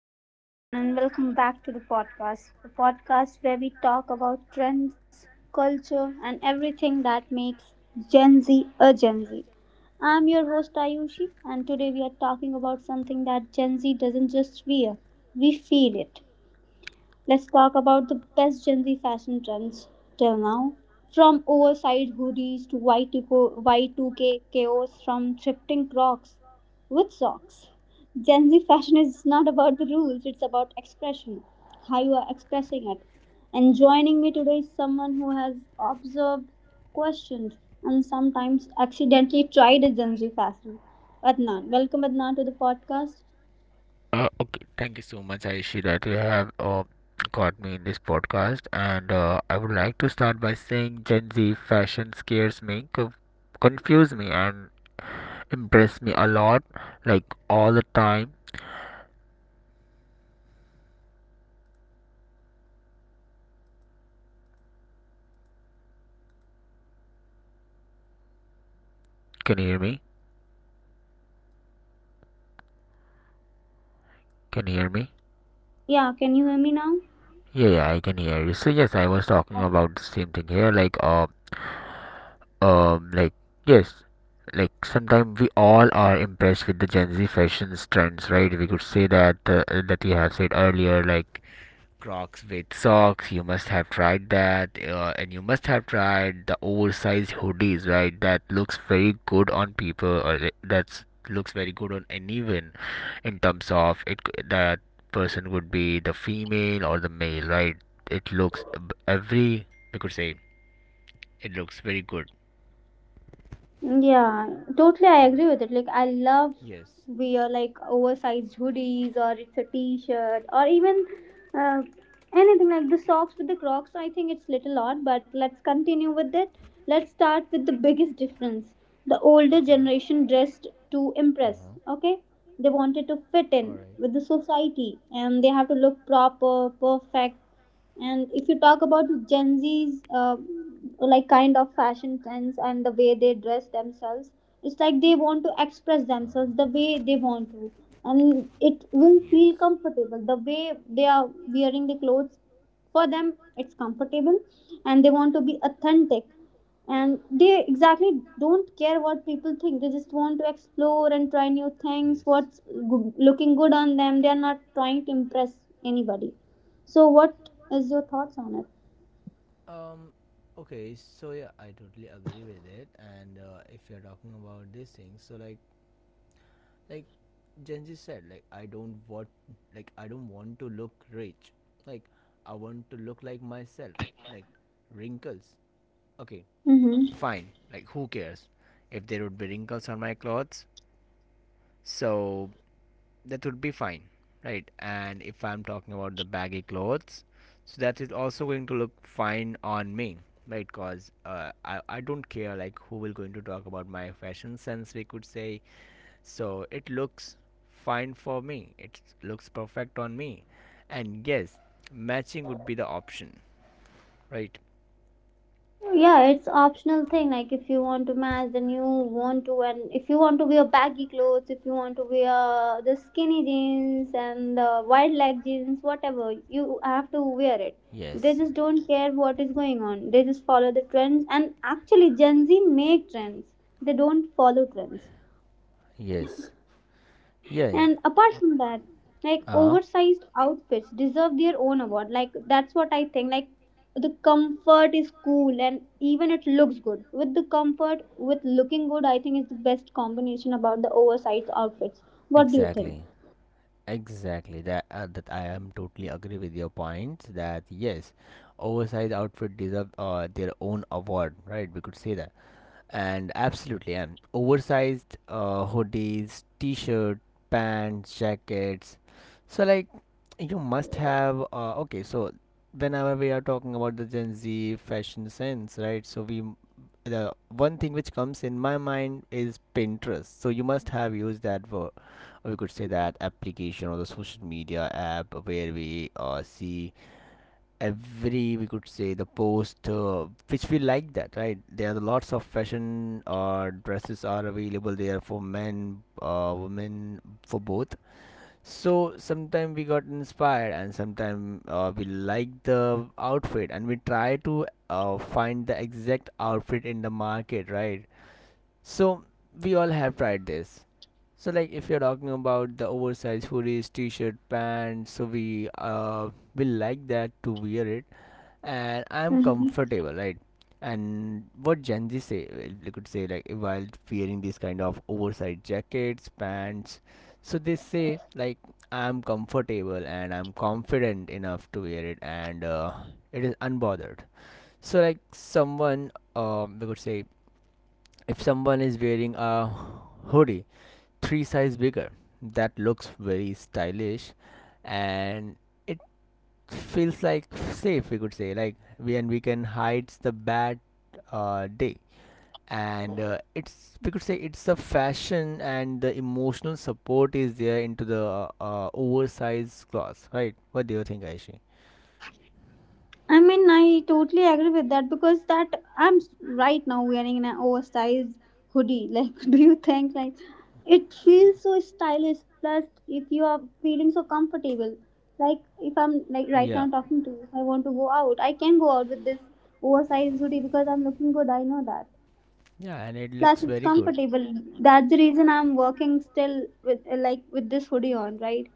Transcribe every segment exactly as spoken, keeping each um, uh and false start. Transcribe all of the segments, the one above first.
Hello, everyone, and welcome back to the podcast. The podcast where we talk about trends, culture, and everything that makes Gen Z a Gen Z. I'm your host, Ayushi, and today we are talking about something that Gen Z doesn't just wear, we feel it. Let's talk about the best Gen Z fashion trends till now. From oversized hoodies to Y two K Y two K chaos, from thrifting crocs with socks. Gen Z fashion is not about the rules, it's about expression, how you are expressing it. And joining me today is someone who has observed, questioned, and sometimes accidentally tried a Gen Z fashion. Adnan, welcome Adnan to the podcast. Uh, okay, thank you so much, Aishi, that you have uh, got me in this podcast. And uh, I would like to start by saying Gen Z fashion scares me, co- confuse me, and impress me a lot, like all the time. Can you hear me? Can you hear me? Yeah, can you hear me now? Yeah, yeah, I can hear you. So yes, I was talking about the same thing here, like uh, um, like yes, like sometimes we all are impressed with the Gen Z fashion trends, right? We could say that uh, that you have said earlier, like Crocs with socks. You must have tried that, uh, and you must have tried the oversized hoodies, right? That looks very good on people, or that looks very good on anyone, in terms of it. That person would be the female or the male, right? It looks every we could say it looks very good. Yeah, totally. I Okay. agree with it. Like, I love wear like oversized hoodies, or it's a t-shirt, or even uh, anything like the socks with the Crocs. I think it's little odd, but let's continue with it. Let's start with the biggest difference. The older generation dressed to impress. Okay, they wanted to fit in Okay, with the society, and they have to look proper, perfect. And if you talk about Gen Z's uh, like kind of fashion trends and the way they dress themselves, it's like they want to express themselves the way they want to, and it will feel comfortable. The way they are wearing the clothes, for them, it's comfortable, and they want to be authentic, and they exactly don't care what people think. They just want to explore and try new things, what's go- looking good on them. They are not trying to impress anybody. So what is your thoughts on it? Um, okay, so yeah, I totally agree with it. And uh, if you're talking about these things, so like, like Genji said, like I don't want, like I don't want to look rich. Like I want to look like myself. Like wrinkles. Okay, Mm-hmm. fine. Like who cares if there would be wrinkles on my clothes? So that would be fine, right? And if I'm talking about the baggy clothes, so that is also going to look fine on me, right? Because uh, I, I don't care like who will going to talk about my fashion sense, we could say. So it looks fine for me, it looks perfect on me. And yes, matching would be the option, right? Yeah, it's optional thing. Like, if you want to match, then you want to, and if you want to wear baggy clothes, if you want to wear the skinny jeans and the wide leg jeans, whatever you have to wear it. They just don't care what is going on. They just follow the trends, and actually Gen Z make trends, they don't follow trends. Yes. Yeah, yeah. And apart from that, like, Uh huh. oversized outfits deserve their own award. Like, that's what I think. Like, the comfort is cool and even it looks good. With the comfort, with looking good, I think is the best combination about the oversized outfits. What do you think? Exactly. Exactly that uh, that I am totally agree with your point that yes, oversized outfit deserve uh, their own award, right? We could say that, and absolutely, and oversized uh, hoodies, t-shirt, pants, jackets. So like, you must have uh, okay. So whenever we are talking about the Gen Z fashion sense, right? So we the one thing which comes in my mind is Pinterest. So you must have used that word, we could say that application or the social media app where we uh, see every we could say the post uh, which we like that, right? There are lots of fashion uh, dresses are available there for men uh, women, for both. So sometime we got inspired, and sometime uh, we like the outfit and we try to uh, find the exact outfit in the market, right? So we all have tried this. So like if you're talking about the oversized hoodies, t-shirt, pants, so we uh will like that to wear it, and I'm Mhm. comfortable, right? And what Gen Z say, well, they could say like while wearing these kind of oversized jackets, pants, so they say like I'm comfortable and I'm confident enough to wear it, and uh, it is unbothered. So like someone, um, they could say if someone is wearing a hoodie three size bigger, that looks very stylish and it feels like safe, we could say, like we and we can hide the bad uh, day. And uh, it's we could say it's a fashion and the emotional support is there into the uh, uh, oversized clothes, right? What do you think, Aishi? I mean, I totally agree with that, because that I'm s- right now wearing an oversized hoodie. Like, do you think like it feels so stylish? Plus, if you are feeling so comfortable, like if I'm like right Yeah, now talking to you, if I want to go out, I can go out with this oversized hoodie because I'm looking good. I know that. yeah, and it Plus, looks it's very good. comfortable. That's the reason I'm working still with like with this hoodie on, right?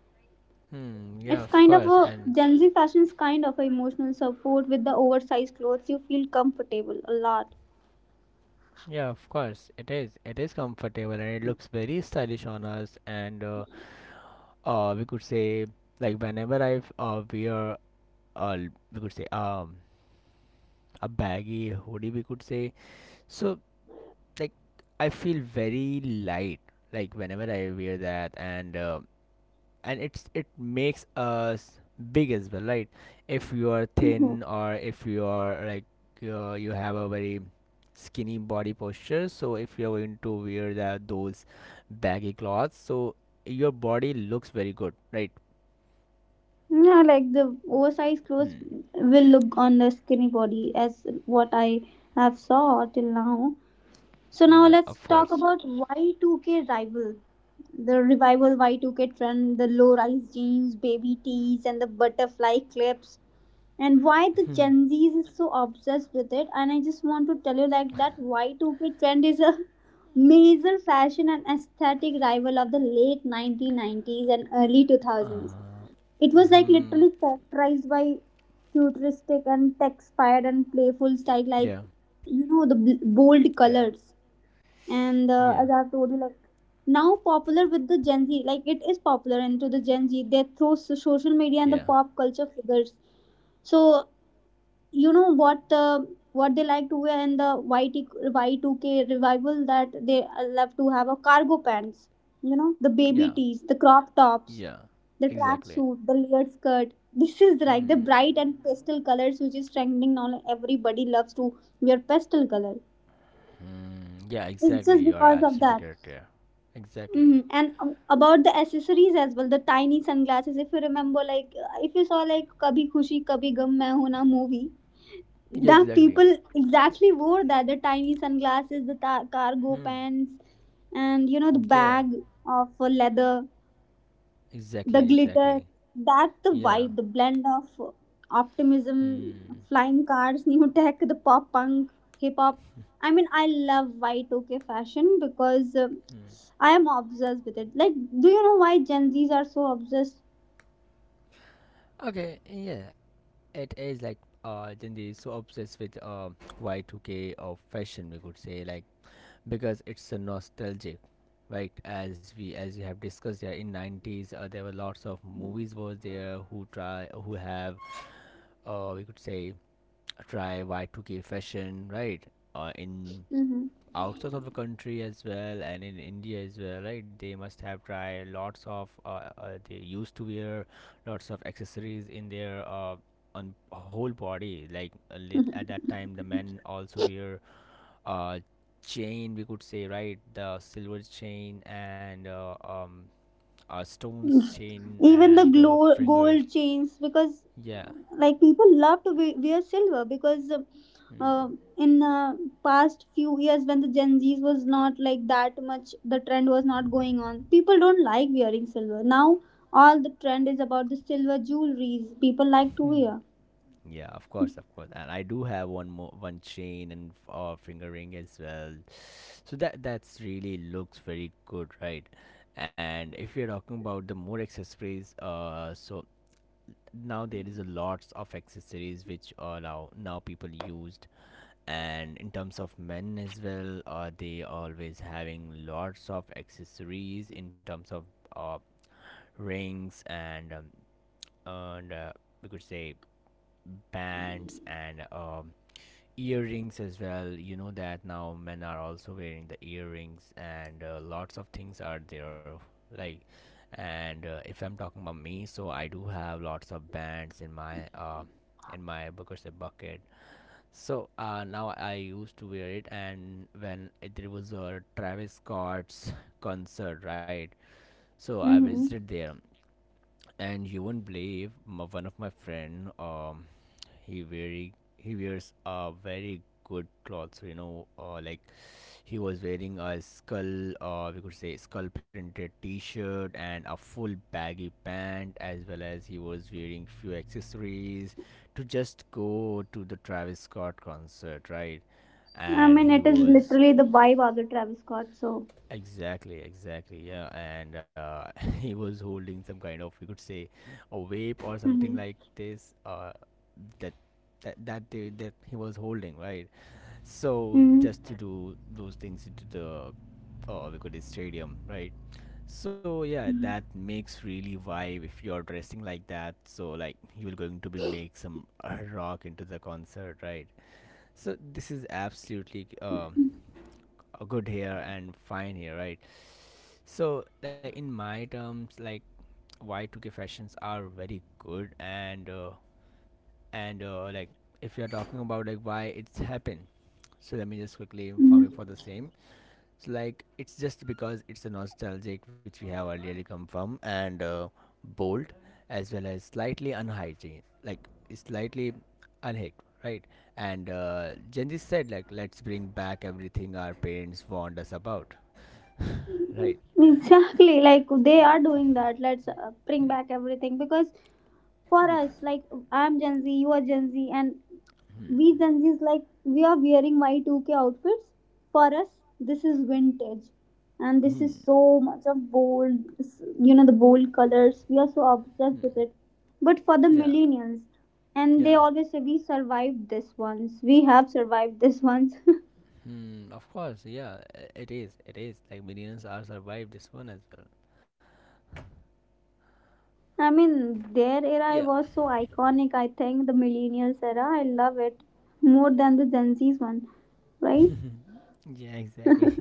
Hmm, yeah, It's of kind of course. a And Gen Z fashion, is kind of a emotional support with the oversized clothes. You feel comfortable a lot. yeah, of course, it is. It is comfortable and it looks very stylish on us. And uh, uh we could say like whenever I uh, wear uh we could say um a baggy hoodie, we could say. So like I feel very light, like whenever I wear that. And uh, and it's it makes us big as well, right? If you are Mhm. thin or if you are like uh, you have a very skinny body posture, so if you're going to wear that those baggy clothes, so your body looks very good, right? Yeah, like the oversized clothes Hmm. will look on the skinny body as what I have saw till now. So now Yeah, let's of talk course. about Y two K rival. The revival Y two K trend, the low rise jeans, baby tees, and the butterfly clips. And why the Gen Zs is so obsessed with it. And I just want to tell you like that Y two K trend is a major fashion and aesthetic rival of the late nineteen nineties and early two thousands. It was like Mm-hmm. literally characterized by futuristic and tech-inspired and playful style, like, Yeah. you know, the bl- bold Yeah. colors. And uh, Yeah. as I've told you, like, now popular with the Gen Z, like, it is popular into the Gen Z. They throw so- social media and the Yeah. pop culture figures. So you know what the, what they like to wear in the Y T Y two k revival, that they uh, love to have a cargo pants, you know, the Yeah. baby tees, the crop tops, Yeah, the exactly. tracksuit, the layered skirt. This is like the Hmm. bright and pastel colors which is trending now. Everybody loves to wear pastel color. Hmm. Yeah, It's exactly, just you are because of absolutely that. correct. Yeah. Exactly. Hmm. And um, about the accessories as well, the tiny sunglasses. If you remember, like uh, if you saw like "Kabhi Khushi Kabhi Gum Main Ho Na" movie, Yeah. the Exactly. people exactly wore that, the tiny sunglasses, the ta- cargo Hmm. pants, and you know the Yeah, bag of uh, leather, the exactly, glitter. exactly. That's the Yeah. vibe, the blend of uh, optimism, Hmm. flying cars, new tech, the pop punk, hip hop. I mean, I love Y two K fashion because uh, Mm. I am obsessed with it. Like, do you know why Gen Z's are so obsessed? Okay, yeah. It is like uh Jindy is so obsessed with uh Y two K of fashion, we could say, like because it's a nostalgic, right? As we as we have discussed, yeah, in nineties uh, there were lots of movies was there who try who have uh we could say try Y two K fashion, right? Uh, in Hmm. outside of the country as well, and in india as well, right? They must have tried lots of uh, uh, they used to wear lots of accessories in their uh, on whole body like uh, lit- at that time the men also wear uh chain, we could say, right? The silver chain and uh, um a stones chain Even the and uh, glow, fingers. gold chains, because Yeah. like, people love to we- wear silver, because Hmm. uh, in uh, past few years, when the Gen Z's was not like that much, the trend was not going on, people don't like wearing silver. Now all the trend is about the silver jewelries, people like to wear. Yeah, of course, of course, and I do have one more one chain and f- uh, finger ring as well. So that that's really looks very good, right? And if you're talking about the more accessories, uh, so now there is a lots of accessories which are now now people used, and in terms of men as well, uh, they always having lots of accessories in terms of uh, rings and um, and uh, we could say bands and um, earrings as well, you know that now men are also wearing the earrings and uh, lots of things are there like. And uh, if I'm talking about me, so I do have lots of bands in my uh, in my Booker's bucket. So uh, now I used to wear it. And when it, there was a Travis Scott's concert, right? So I Hmm. visited there. And you won't believe my, one of my friend, um he very he wears a very good clothes, you know, uh, like he was wearing a skull uh, we could say skull printed t-shirt and a full baggy pant, as well as he was wearing few accessories to just go to the Travis Scott concert, right? I And mean, he it is was literally the vibe of the Travis Scott, so. exactly, exactly. Yeah. And uh, he was holding some kind of, we could say, a vape or Hmm. something like this. Uh, that that that they, that he was holding, right? So Hmm. just to do those things into the, uh, we could say stadium, right? So yeah, that makes really vibe if you're dressing like that. So like you will going to be make some uh, rock into the concert, right? So this is absolutely um a good here and fine here, right? So, like in my terms, like Y two K fashions are very good, and uh, and uh, like if you're talking about like why it's happened, so let me just quickly inform you for the same. So like it's just because it's a nostalgic which we have earlier come from and uh, bold as well as slightly unhygienic, like slightly unhick, right? And uh, Gen Z said like let's bring back everything our parents warned us about. Right. Exactly, like they are doing that. Let's uh, bring back everything, because for Mm. us, like, I'm Gen Z, you are Gen Z, and we Gen Zs like we are wearing Y two K outfits. For us, this is vintage, and this is Hmm. so much of bold, you know, the bold colors. We are so obsessed with it. But for the Yeah. millennials, and they Yeah. always say we survived this once. We have survived this once. Hmm. Of course. Yeah i- it is, it is like millions are survived this one as well. I mean, their Yeah. era was so iconic, I think, the millennials era. I love it more than the Gen Z's one, right? Yeah, exactly.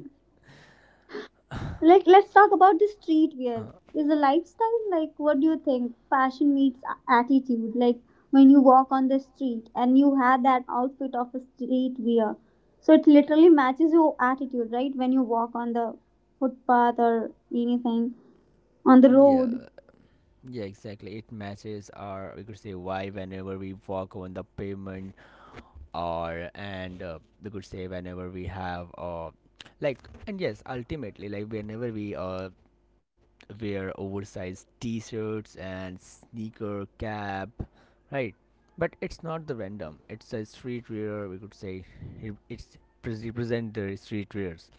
Like, let's talk about the streetwear. Is a lifestyle, like, what do you think? Fashion meets a- attitude. Like, when you walk on the street and you have that outfit of a streetwear, so it literally matches your attitude, right? When you walk on the footpath or anything on the Yeah. road. Yeah, exactly. It matches our, we could say, why whenever we walk on the pavement, or and uh, we could say whenever we have uh, like and yes, ultimately, like whenever we uh wear oversized T-shirts and sneaker cap, right? But it's not the random. It's a streetwear. We could say it- it's pres- represent the streetwears,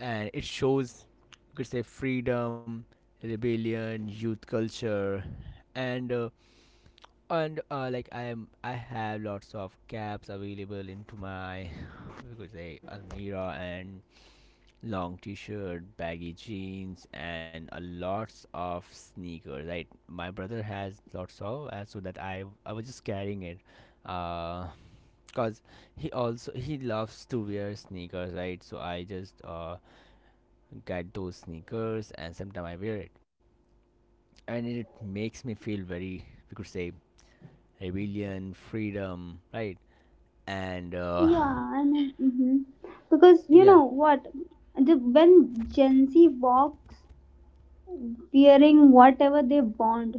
and it shows, you could say, freedom, rebellion, youth culture. And uh, and uh, like i am i have lots of caps available into my, we could say, Almirah, and long t-shirt, baggy jeans and a lots of sneakers, right? My brother has lots of uh, so that i i was just carrying it uh because he also he loves to wear sneakers, right? So I just uh get those sneakers and sometimes I wear it. And it makes me feel very, we could say, rebellion, freedom, right? And uh, Yeah, I mean, hmm, because you yeah. know what, the, when Gen Z walks wearing whatever they want,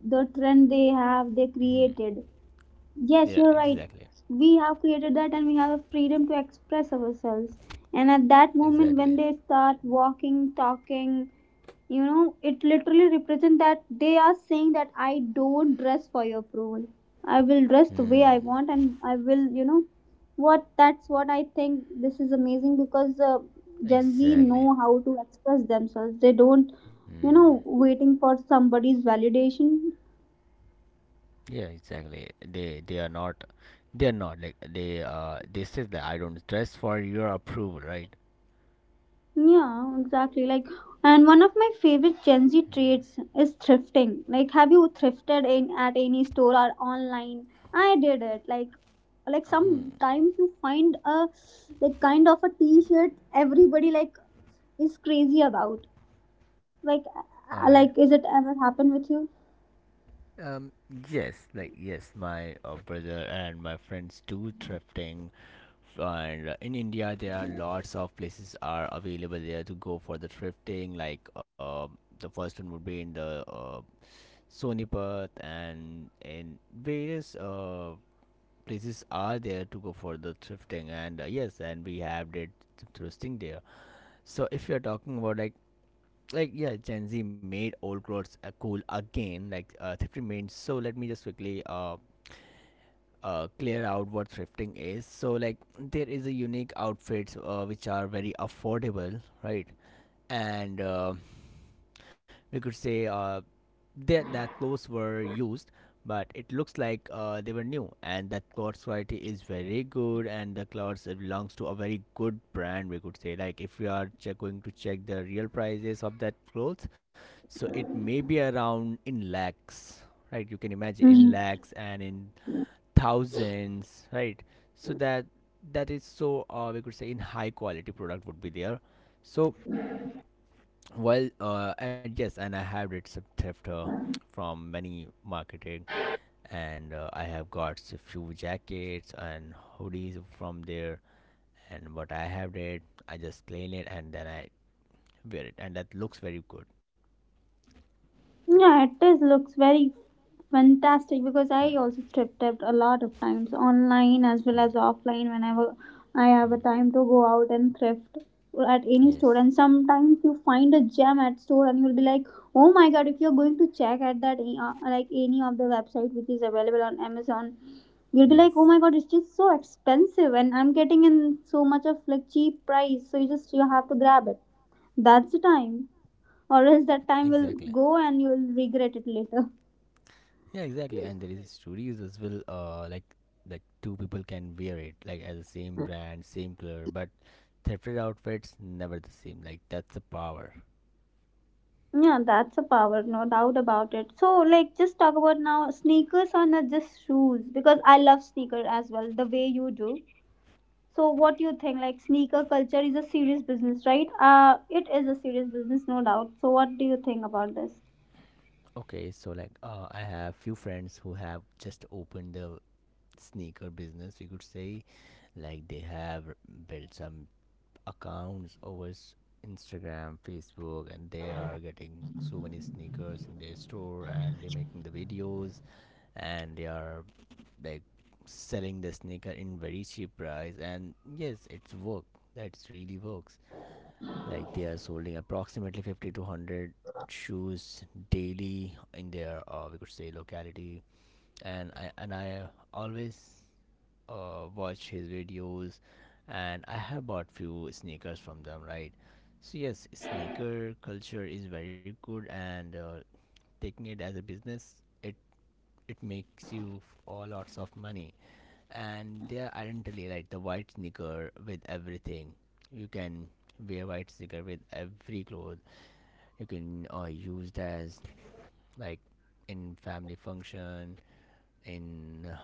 the trend they have, they Hmm. created. Yes, Yeah, you're right. exactly, We have created that, and we have a freedom to express ourselves. And at that moment, exactly. when they start walking, talking, you know, it literally represents that they are saying that, I don't dress for your approval, I will dress the way Hmm. I want, and I will, you know what, that's what I think. This is amazing, because uh, Gen Z Exactly. know how to express themselves. They don't, Hmm. you know, waiting for somebody's validation. Yeah, exactly. They they are not, they are not like they uh they says that I don't dress for your approval, right? Yeah, exactly. Like, and one of my favorite Gen Z traits is thrifting. Like, have you thrifted in at any store or online? I did it. like like sometimes you find a, like, kind of a t-shirt everybody like is crazy about. Like uh, Okay. like, is it ever happened with Um. Yes. Like yes, my uh, brother and my friends do thrifting. And in india there are lots of places are available there to go for the thrifting, like uh, the first one would be in the uh, Sonipat, and in various uh, places are there to go for the thrifting. And uh, yes, and we have did thrifting there. So if you're talking about like like yeah, Gen Z made old clothes uh, cool again. Like uh, thrifting means, so let me just quickly uh, uh, clear out what thrifting is. So like there is a unique outfits uh, which are very affordable, right? And uh, we could say uh, that that clothes were used, but it looks like uh, they were new, and that clothes quality is very good, and the clothes it belongs to a very good brand. We could say like if you are check, going to check the real prices of that clothes, so it may be around in lakhs. Right, you can imagine in you? lakhs and in thousands, right? So that that is so uh, we could say in high quality product would be there. So while uh, and yes, and I have did some theft uh, from many marketing, and uh, I have got a few jackets and hoodies from there, and what I have did, I just clean it and then I wear it and that looks very good. Yeah, it is looks very fantastic, because I Hmm, also strip tapped a lot of times online as well as hmm, offline, whenever I have a hmm. time to go out and thrift at any store. Yes, And sometimes you find a gem at store and you'll be like, oh my god, if you're going to check at that uh, like any of the website which is available on Amazon, you'll be like, oh yes, my god, it's just so expensive and I'm getting in so much of like cheap price, so you just, you have to grab it. That's the time, or else that time will exactly. go and you will regret it later. Yeah, exactly. And there is stories as well. Uh, like like two people can wear it like as the same brand, same color, but thrifted outfits never the same. Like that's the power. Yeah, that's a power, no doubt about it. So, like, just talk about now sneakers or not just shoes, because I love sneaker as well, the way you do. So, what do you think? Like, sneaker culture is a serious business, right? Uh, it is a serious business, no doubt. So, what do you think about this? Okay, so like uh, I have few friends who have just opened the sneaker business. We could say, like they have built some accounts over s- Instagram, Facebook, and they are getting so many sneakers in their store, and they're making the videos, and they are like selling the sneaker in very cheap price. And yes, it's work. That really works. Like they are selling approximately fifty to one hundred shoes daily in their, uh, we could say, locality. And I and I always uh, watched his videos and I have bought few sneakers from them, right? So yes, sneaker culture is very good and uh, taking it as a business, it it makes you f- all lots of money. And they are identically like the white sneaker with everything. You can wear white sneaker with every clothes. You can uh, use it as like in family function, in uh,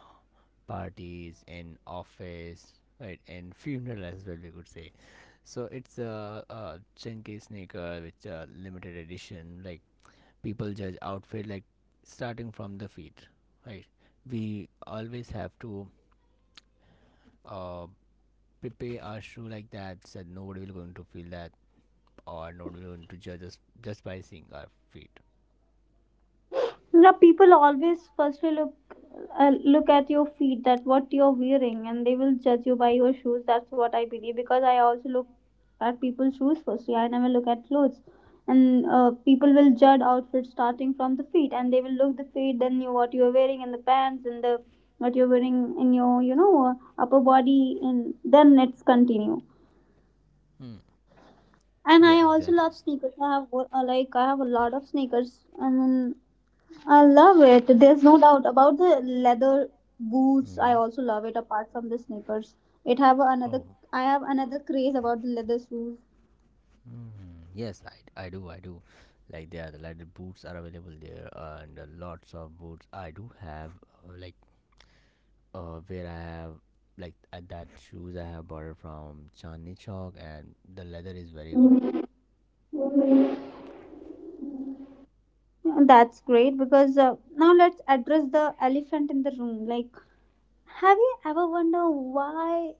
parties and office, right? And funeral as well, we could say. So it's a, a chunky sneaker which a limited edition, like people judge outfit like starting from the feet, right? We always have to uh prepare our shoe like that, so nobody will going to feel that, or nobody will going to judge us just by seeing our feet. Now people always firstly look, uh, look at your feet, that what you're wearing, and they will judge you by your shoes. That's what I believe, because I also look at people's shoes firstly. I never look at clothes, and uh, people will judge outfits starting from the feet, and they will look the feet, then you, what you're wearing, and the pants, and the what you're wearing in your, you know, uh, upper body, and then it's continue. hmm. And Yeah, I also exactly. love sneakers. I have uh, like, I have a lot of sneakers, and I love it. There's no doubt about the leather boots. I hmm also love it apart from the sneakers. It have another, oh. I have another craze about the leather shoes. Mm, yes, I, I do, I do. Like there, the leather boots are available there, and uh, lots of boots. I do have, uh, like, uh, where I have, like, uh, that shoes I have bought it from Chandni Chowk, and the leather is very good. And that's great, because uh, now let's address the elephant in the room. Like, have you ever wondered why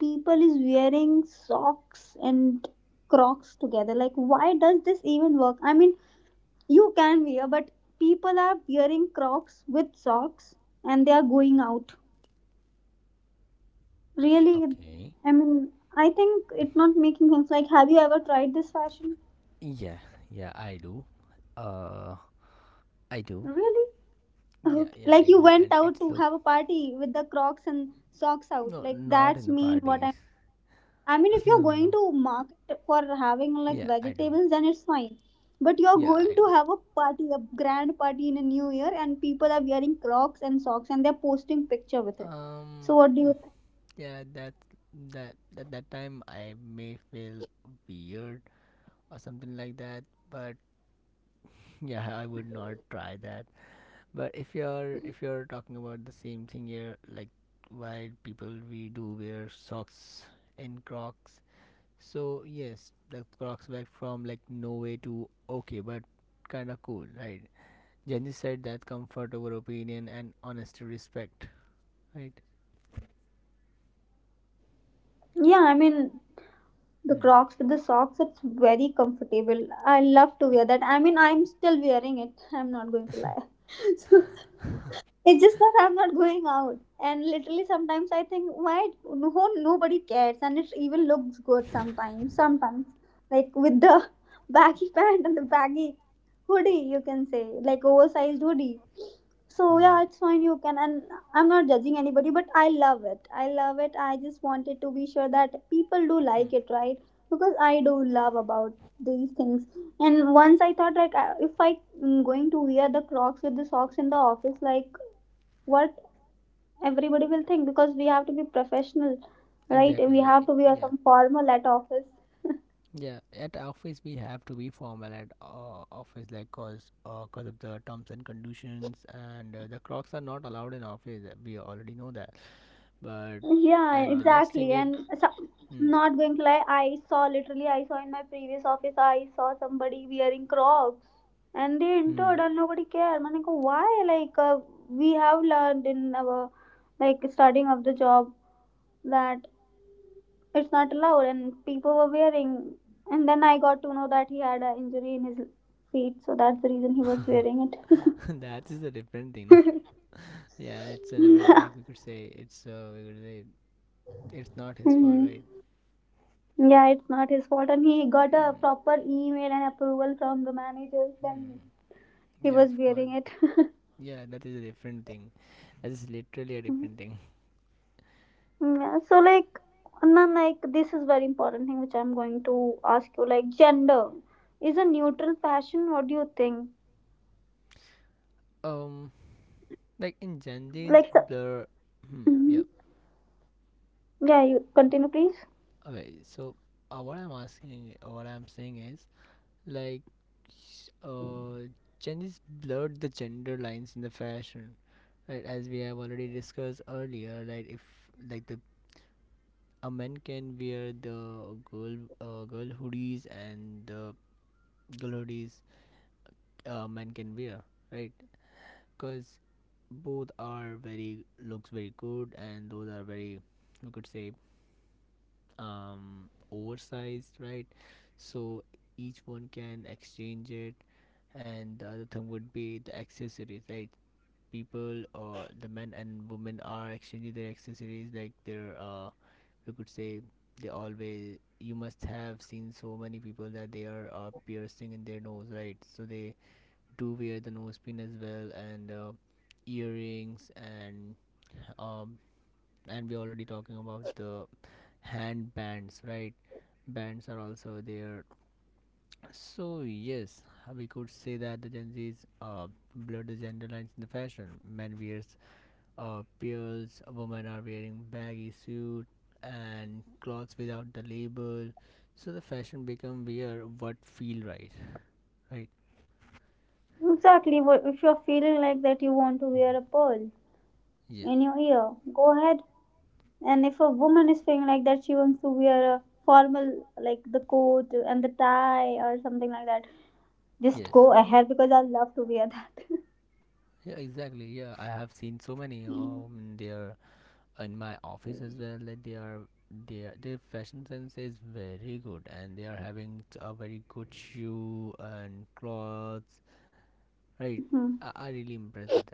people is wearing socks and crocs together? Like, why does this even work? I mean, you can wear, but people are wearing crocs with socks and they are going out. Really, Okay. I mean, I think it's not making sense. Like, have you ever tried this fashion? Yeah, yeah, I do. Uh, I do. Really? Yeah, Okay. yeah, Like I you do. And went out it's to look, have a party with the Crocs and socks out. no, Like not in that's the mean what parties. I'm. I mean, if No, you're no, going no. to market for having like Yeah, I do. vegetables, then it's fine. But you're Yeah, I going do. to have a party, a grand party in a new year, and people are wearing Crocs and socks, and they're posting picture with it. Um, So what do you yeah, that that at that time I may feel weird or something like that, but yeah, I would not try that. But if you're if you're talking about the same thing here, like why people we do wear socks and crocs, so yes, the crocs back from like no way to okay, but kind of cool, right? Jenny said that comfort over opinion and honesty respect, right? think? Yeah, I mean, the hmm. Crocs with the socks, it's very comfortable. I love to wear that. I mean, I'm still wearing it. I'm not going to lie. It's just that I'm not going out. And literally sometimes I think why no nobody cares and it even looks good sometimes. Sometimes. Like with the baggy pant and the baggy hoodie you can say. Like oversized hoodie. So Hmm. yeah, it's fine you can. And I'm not judging anybody, but I love it. I love it. I just wanted to be sure that people do Hmm. like it, right? Because I do love about these things. And once I thought like I- if I am going to wear the Crocs with the socks in the office, like what everybody will think, because we have to be professional, right? We Exactly, yeah. have to be wear Yeah. some formal at office. Yeah, at office we have to be formal at uh, office, like cause uh, cause of the terms and conditions, and uh, the clocks are not allowed in office. uh, We already know that. But Yeah, and the next thing exactly. is, And so, hmm, not going to lie, I saw, literally I saw in my previous office, I saw somebody wearing Crocs and they hmm. entered and nobody cared, man. Like why? Like uh, we have learned in our like starting of the job that it's not allowed, and people were wearing. And then I got to know that he had an injury in his feet, so that's the reason he was wearing it. That is a different thing. No? Yeah, it's an ama- like Mhm. we could say it's uh, we could say it's not his fault, right? Yeah, it's not his fault. And he got a Hmm, proper email and approval from the managers, and hmm. he Yeah, of was course. wearing it. Yeah, that is a different thing. That is literally a Mhm. different thing. Yeah, so like, and then like this is very important thing which I'm going to ask you. Like, gender is a neutral fashion. What do you think? Um, like in Gen Z's Like, so, blur. Hmm, yeah. mhm. Yeah, you continue, please. Okay, so uh, what I'm asking, uh, what I'm saying is like, uh, changes blurred the gender lines in the fashion, right? As we have already discussed earlier, like if like the a man can wear the girl uh, girl hoodies and the girl hoodies uh, men can wear, right? Because both are very looks very good and those are very, we could say, um, oversized, right? So each one can exchange it, and the other thing would be the accessories, right? People or the men and women are exchanging their accessories, like their uh, we could say they always you must have seen so many people that they are uh, piercing in their nose, right? So they do wear the nose pin as well, and uh, earrings and um and we're already talking about the hand bands, right? Bands are also there. So yes, we could say that the gen z's uh, blur the gender lines in the fashion. Men wears uh, pearls, women are wearing baggy suit and clothes without the label. So the fashion become wear what feel right, right? Exactly. What if you're feeling like that, you want to wear a pearl Yeah. in your ear? Go ahead. And if a woman is feeling like that, she wants to wear a formal, like the coat and the tie or something like that. Yes. Just go ahead because I love to wear that. Yeah, exactly. Yeah, I have seen so many um there in my office as well, like they are their their fashion sense is very good, and they are having t- a very good shoe and clothes, right? i, Mhm. I really impressed with that.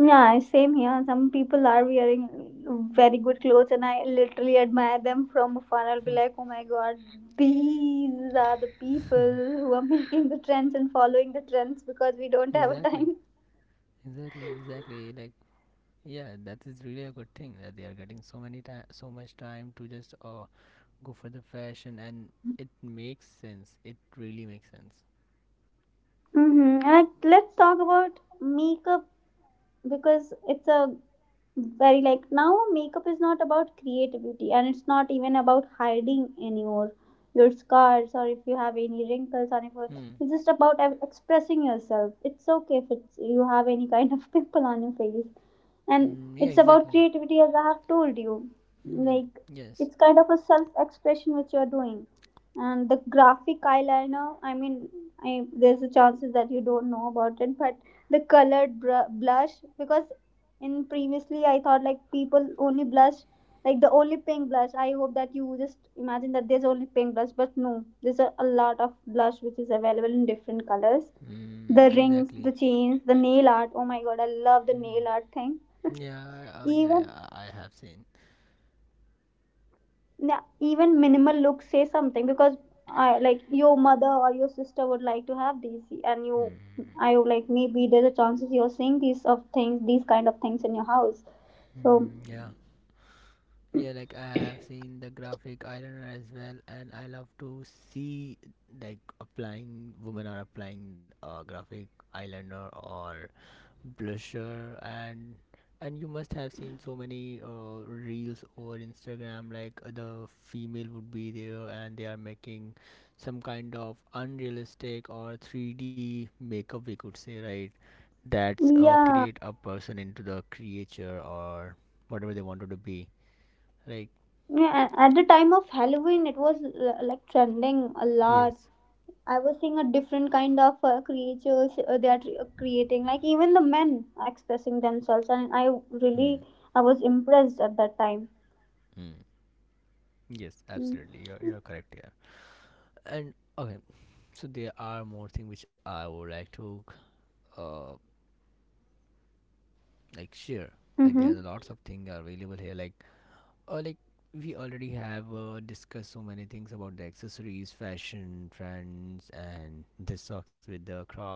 Yeah, same here. Some people are wearing very good clothes, and I literally admire them from afar. I'll be Hmm. like, oh my god, these are the people who are making the trends and following the trends because we don't have a Exactly, time. exactly, exactly. Like yeah, that is really a good thing that they are getting so many time so much time to just uh, go for the fashion, and it makes sense, it really makes sense. Mm-hmm. Like, let's talk about makeup, because it's a very like now makeup is not about creativity, and it's not even about hiding anymore your scars or if you have any wrinkles, or if hmm. it's just about ev- expressing yourself. It's okay if it's you have any kind of pimple on your face. And Mm, yeah, it's exactly. about creativity, as I have told you. hmm. Like Yes. it's kind of a self expression which you are doing. And the graphic eyeliner, I mean, I, there's a chances that you don't know about it, but the colored br- blush, because in previously I thought like people only blush, like the only pink blush. I hope that you just imagine that there's only pink blush, but no, there's a, a lot of blush which is available in different colors. Hmm. The Exactly. rings, the chains, the nail art, oh my god, I love the hmm. nail art thing, Yeah, I- uh, yeah, even. yeah. I I have seen. Yeah, even minimal looks say something, because I like your mother or your sister would like to have these, and you, Hmm. I would like maybe there's a chances you're seeing these of things, these kind of things in your house. So Hmm, yeah. Yeah, like I have seen the graphic eyeliner as well, and I love to see like applying women are applying uh, graphic eyeliner or blusher, and and you must have seen so many uh, reels over Instagram. Like uh, the female would be there, and they are making some kind of unrealistic or three D makeup. We could say, right? That's uh, create yeah, a person into the creature or whatever they wanted to be, like. yeah. a- At the time of Halloween, it was uh, like trending a Yes. lot. I was seeing a different kind of uh, creatures uh, they are tr- creating, like even the men are expressing themselves, and I Hmm. really, I was impressed at that time. Hmm. Yes, absolutely. You're, you're correct here. And okay, so there are more things which I would like to uh like share. Like there are Mm-hmm. lots of things available here. Like uh, like we already have uh, discussed so many things about the accessories, fashion trends, and the socks with the Crocs.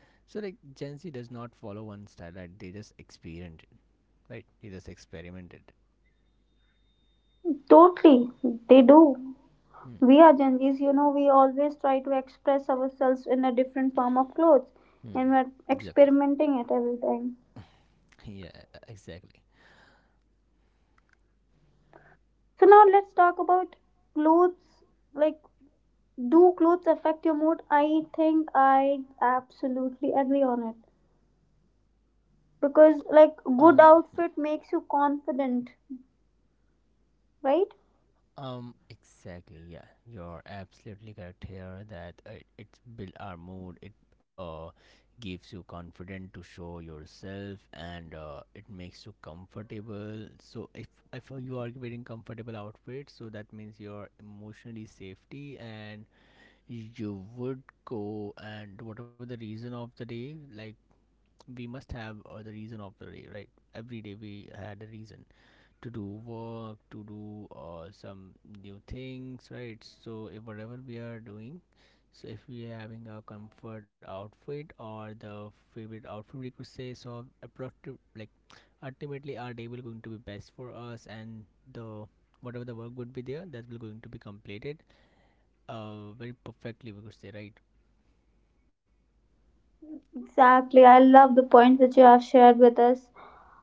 So like Gen Z does not follow one style. Right? They just experiment it. Right? They just experimented. Totally, they do. Hmm. We are Gen Zs, you know, we always try to express ourselves in a different form of clothes, Hmm. and we're Exactly. experimenting at every time. Yeah. Exactly. So now let's talk about clothes. Like, do clothes affect your mood? I think I absolutely agree on it. Because, like, Um. good Hmm. outfit makes you confident, right? Um, exactly. Yeah, you're absolutely correct here that uh, it, it's build our mood. It uh gives you confidence to show yourself, and uh, it makes you comfortable. So if if you are wearing comfortable outfit, so that means you're emotionally safety, and you would go and whatever the reason of the day, like we must have uh, the reason of the day, right? Every day we had a reason to do work, to do uh, some new things, right? So, if whatever we are doing, so if we are having a comfort outfit or the favorite outfit, we could say, so appropriate, like ultimately our day will going to be best for us, and the whatever the work would be there that will going to be completed uh very perfectly, we could say, right? Exactly. I love the point which you have shared with us.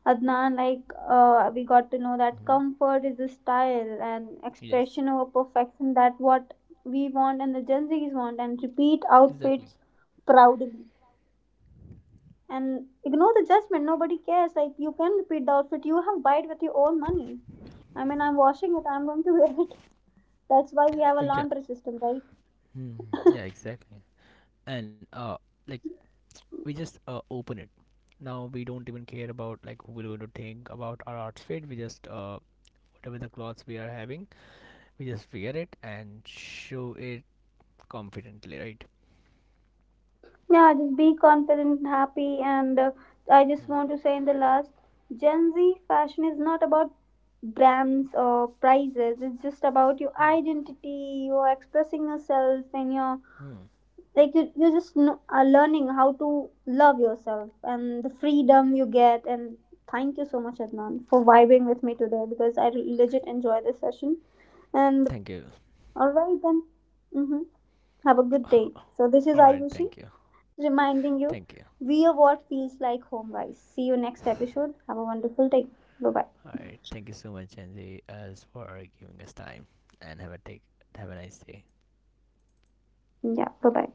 Adnan, like uh, we got to know that Hmm. comfort is a style and Yes, expression over perfection. That what we want and the Gen Zs want, and repeat exactly. outfits proudly and ignore the judgment. Nobody cares. Like you can repeat the outfit. You have buy it with your own money. I mean, I'm washing it. I'm going to wear it. That's why we Uh, have a yeah. laundry system, right? Hmm. Yeah, exactly. And uh like we just uh, open it. Now we don't even care about like who are going to think about our outfit. We just uh, whatever the clothes we are having, we just wear it and show it confidently, right? Yeah, just be confident, and happy, and uh, I just Hmm. want to say in the last, Gen Z fashion is not about brands or prices, it's just about your Hmm. identity, you're expressing yourself, and you're Hmm. like you, you're just kn- are learning how to love yourself and the freedom you get. And thank you so much, Adnan, for vibing with me today, because I legit enjoy this session. And Thank you. all right, then, mm-hmm, have a good day. So, this All is right, thank Ayushi you. reminding Thank you. you we are what feels like home, guys. See you next episode. Have a wonderful day. Bye bye. All right, thank you so much, Angie, as for giving us time, and have a take, have a nice day. Yeah, bye bye.